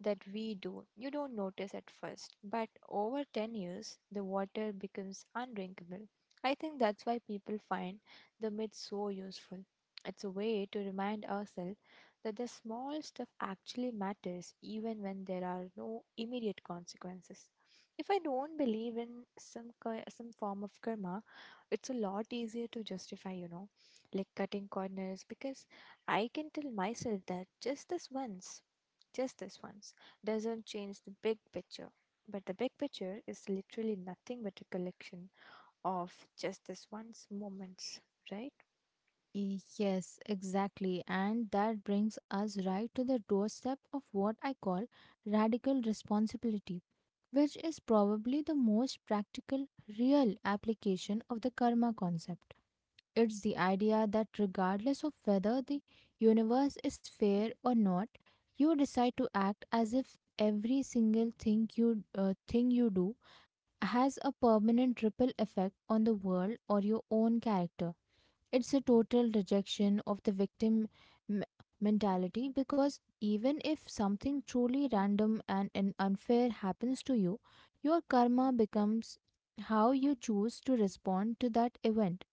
Speaker 2: that we do. You don't notice at first, but over 10 years, the water becomes undrinkable. I think that's why people find the myth so useful. It's a way to remind ourselves that the small stuff actually matters even when there are no immediate consequences. If I don't believe in some form of karma, it's a lot easier to justify, you know, like cutting corners because I can tell myself that just this once, just this once, doesn't change the big picture. But the big picture is literally nothing but a collection of just this once moments, right?
Speaker 1: Yes, exactly. And that brings us right to the doorstep of what I call radical responsibility, which is probably the most practical, real application of the karma concept. It's the idea that regardless of whether the universe is fair or not, you decide to act as if every single thing you do has a permanent ripple effect on the world or your own character. It's a total rejection of the victim m- mentality, because even if something truly random and unfair happens to you, your karma becomes how you choose to respond to that event.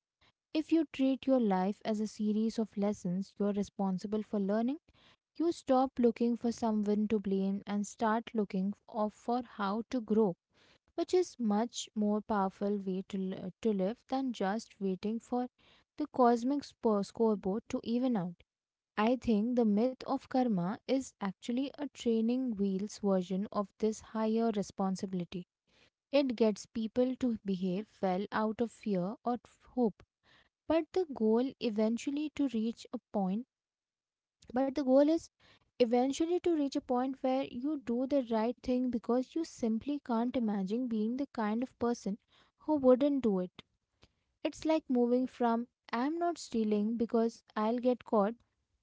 Speaker 1: If you treat your life as a series of lessons you're responsible for learning, you stop looking for someone to blame and start looking of for how to grow, which is much more powerful way to live than just waiting for the cosmic scoreboard to even out. I think the myth of karma is actually a training wheels version of this higher responsibility. It gets people to behave well out of fear or hope, but the goal is eventually to reach a point where you do the right thing because you simply can't imagine being the kind of person who wouldn't do it. It's like moving from "I'm not stealing because I'll get caught"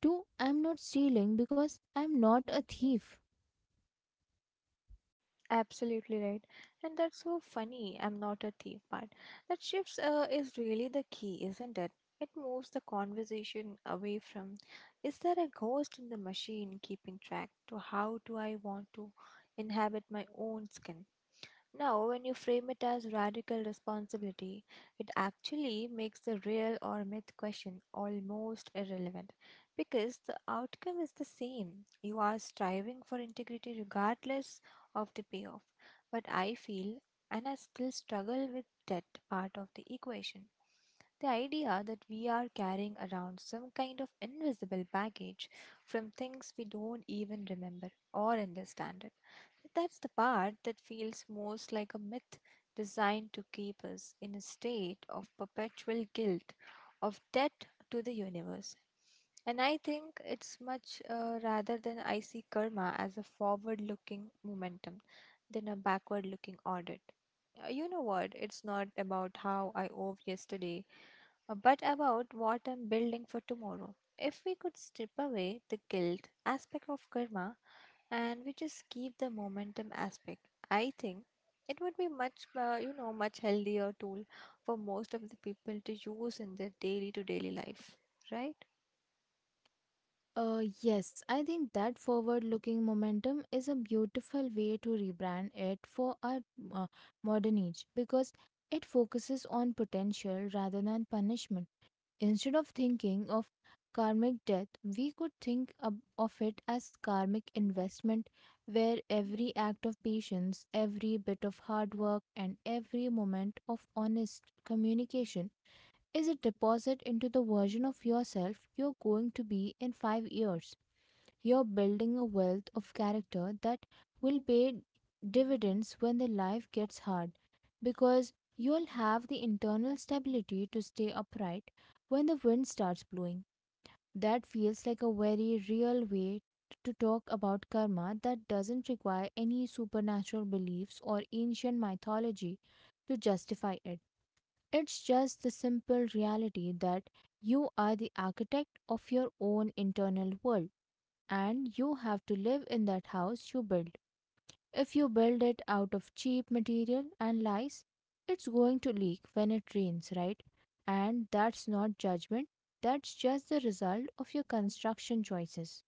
Speaker 1: to "I'm not stealing because I'm not a thief."
Speaker 2: Absolutely right. And that's so funny. I'm not a thief, but that shifts is really the key, isn't it? It moves the conversation away from is there a ghost in the machine keeping track to how do I want to inhabit my own skin? Now, when you frame it as radical responsibility, it actually makes the real or myth question almost irrelevant because the outcome is the same. You are striving for integrity regardless of the payoff. But I feel, and I still struggle with that part of the equation. The idea that we are carrying around some kind of invisible baggage from things we don't even remember or understand. That's the part that feels most like a myth designed to keep us in a state of perpetual guilt, of debt to the universe. And I think it's much rather than, I see karma as a forward looking momentum than a backward looking audit. You know what? It's not about how I owe yesterday, but about what I'm building for tomorrow. If we could strip away the guilt aspect of karma and we just keep the momentum aspect, I think it would be much, you know, much healthier tool for most of the people to use in their daily to daily life, right?
Speaker 1: Yes, I think that forward looking momentum is a beautiful way to rebrand it for our uh, modern age, because it focuses on potential rather than punishment. Instead of thinking of karmic death, we could think of it as karmic investment, where every act of patience, every bit of hard work, and every moment of honest communication is a deposit into the version of yourself you're going to be in 5 years. You're building a wealth of character that will pay dividends when the life gets hard, because you'll have the internal stability to stay upright when the wind starts blowing. That feels like a very real way to talk about karma that doesn't require any supernatural beliefs or ancient mythology to justify it. It's just the simple reality that you are the architect of your own internal world and you have to live in that house you build. If you build it out of cheap material and lies, it's going to leak when it rains, right? And that's not judgment, that's just the result of your construction choices.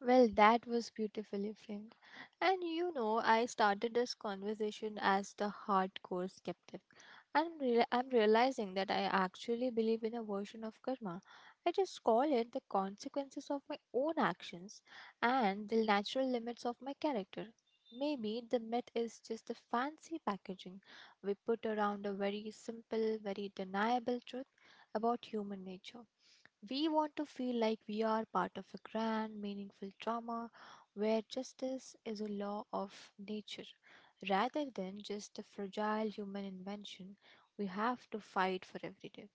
Speaker 2: Well, that was beautifully framed. And you know, I started this conversation as the hardcore skeptic. And real I'm realizing that I actually believe in a version of karma. I just call it the consequences of my own actions and the natural limits of my character. Maybe the myth is just the fancy packaging we put around a very simple, very deniable truth about human nature. We want to feel like we are part of a grand, meaningful drama where justice is a law of nature rather than just a fragile human invention we have to fight for every day.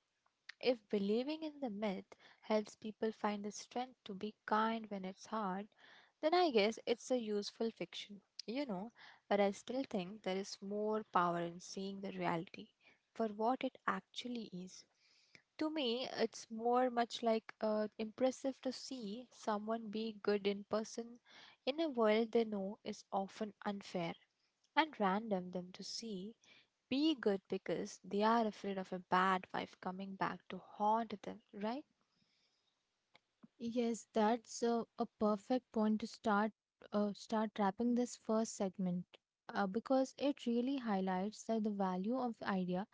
Speaker 2: If believing in the myth helps people find the strength to be kind when it's hard, then I guess it's a useful fiction, you know. But I still think there is more power in seeing the reality for what it actually is. To me, it's more much like impressive to see someone be good in person in a world they know is often unfair and random them to see be good because they are afraid of a bad wife coming back to haunt them, right?
Speaker 1: Yes, that's a perfect point to start wrapping this first segment, because it really highlights that the value of idea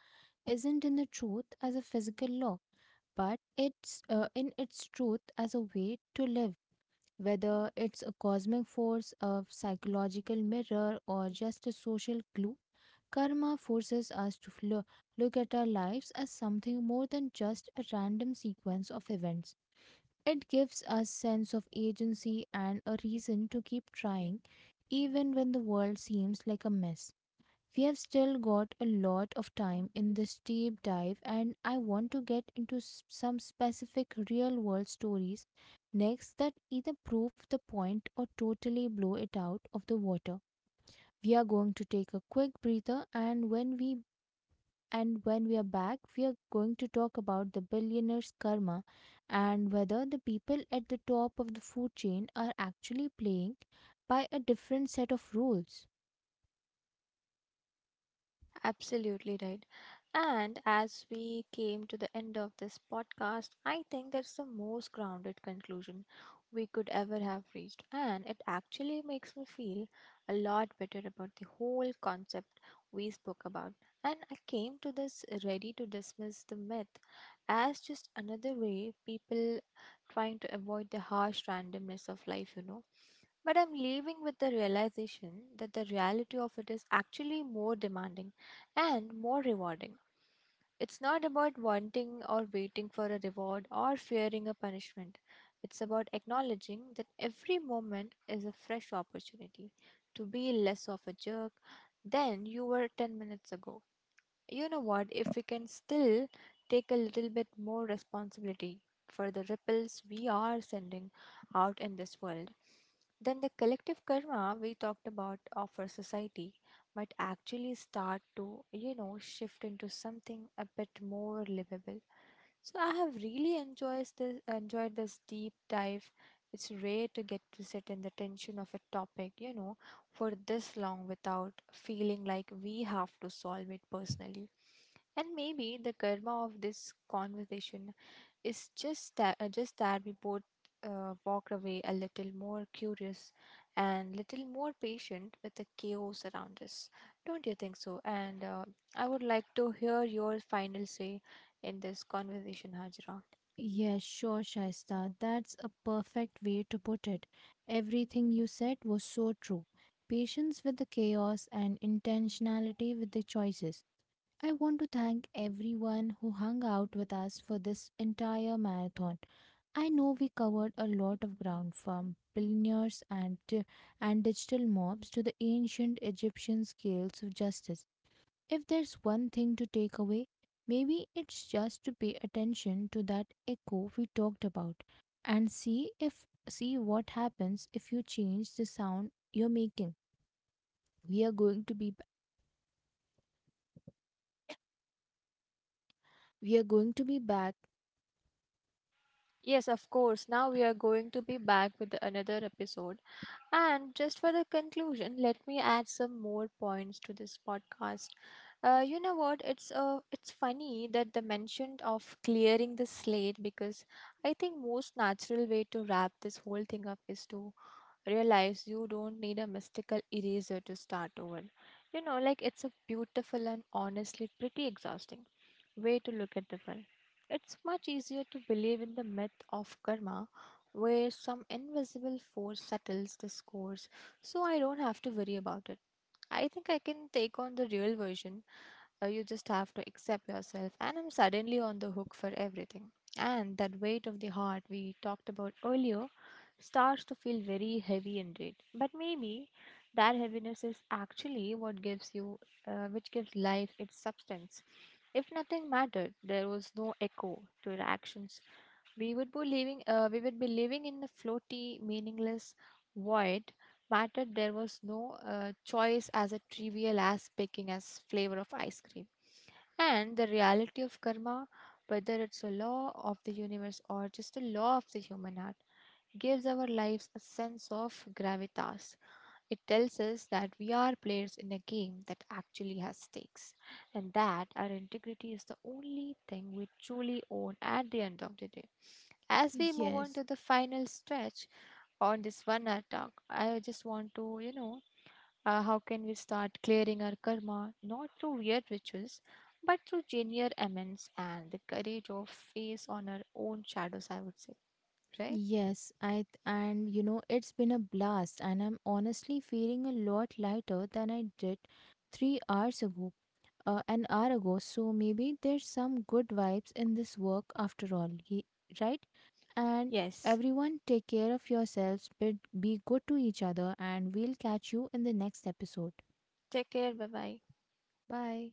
Speaker 1: isn't in the truth as a physical law, but it's in its truth as a way to live. Whether it's a cosmic force, a psychological mirror, or just a social glue, karma forces us to look at our lives as something more than just a random sequence of events. It gives us sense of agency and a reason to keep trying even when the world seems like a mess. We have still got a lot of time in this deep dive, and I want to get into some specific real world stories next that either prove the point or totally blow it out of the water. We are going to take a quick breather, and when we are back, we are going to talk about the billionaire's karma and whether the people at the top of the food chain are actually playing by a different set of rules.
Speaker 2: Absolutely right. And as we came to the end of this podcast, I think that's the most grounded conclusion we could ever have reached. And it actually makes me feel a lot better about the whole concept we spoke about. And I came to this ready to dismiss the myth as just another way people trying to avoid the harsh randomness of life, you know. But I'm leaving with the realization that the reality of it is actually more demanding and more rewarding. It's not about wanting or waiting for a reward or fearing a punishment. It's about acknowledging that every moment is a fresh opportunity to be less of a jerk than you were 10 minutes ago. You know what? If we can still take a little bit more responsibility for the ripples we are sending out in this world, then the collective karma we talked about of our society might actually start to, you know, shift into something a bit more livable. So I have really enjoyed this deep dive. It's rare to get to sit in the tension of a topic, you know, for this long without feeling like we have to solve it personally. And maybe the karma of this conversation, it's just that we both walked away a little more curious and little more patient with the chaos around us. Don't you think so? And I would like to hear your final say in this conversation, Hajra.
Speaker 1: Yes, sure, Shaista. That's a perfect way to put it. Everything you said was so true. Patience with the chaos and intentionality with the choices. I want to thank everyone who hung out with us for this entire marathon. I know we covered a lot of ground from billionaires and digital mobs to the ancient Egyptian scales of justice. If there's one thing to take away, maybe it's just to pay attention to that echo we talked about and see what happens if you change the sound you're making. We are going to be we are going to be back.
Speaker 2: Yes, of course. Now we are going to be back with another episode. And just for the conclusion, let me add some more points to this podcast. You know what? It's funny that the mention of clearing the slate because I think most natural way to wrap this whole thing up is to realize you don't need a mystical eraser to start over. You know, like it's a beautiful and honestly pretty exhausting way to look at the world. It's much easier to believe in the myth of karma where some invisible force settles the scores so I don't have to worry about it. I think I can take on the real version. You just have to accept yourself, and I'm suddenly on the hook for everything. And that weight of the heart we talked about earlier starts to feel very heavy indeed. But maybe that heaviness is actually what gives you, which gives life its substance. If nothing mattered, there was no echo to the actions, we would be living in a floaty meaningless void, matter there was no choice as a trivial as picking as flavor of ice cream, and the reality of karma, whether it's a law of the universe or just a law of the human heart, gives our lives a sense of gravitas. It tells us that we are players in a game that actually has stakes and that our integrity is the only thing we truly own at the end of the day. As we move on
Speaker 1: Yes.
Speaker 2: to the final stretch on this 1 hour talk, I just want to, you know, how can we start clearing our karma not through weird rituals but through genuine amends and the courage of face on our own shadows, I would say, right?
Speaker 1: And you know it's been a blast and I'm honestly feeling a lot lighter than I did 3 hours ago, an hour ago, so maybe there's some good vibes in this work after all, right? And
Speaker 2: Yes.
Speaker 1: everyone take care of yourselves, be good to each other and we'll catch you in the next episode.
Speaker 2: Take care. Bye bye.
Speaker 1: Bye.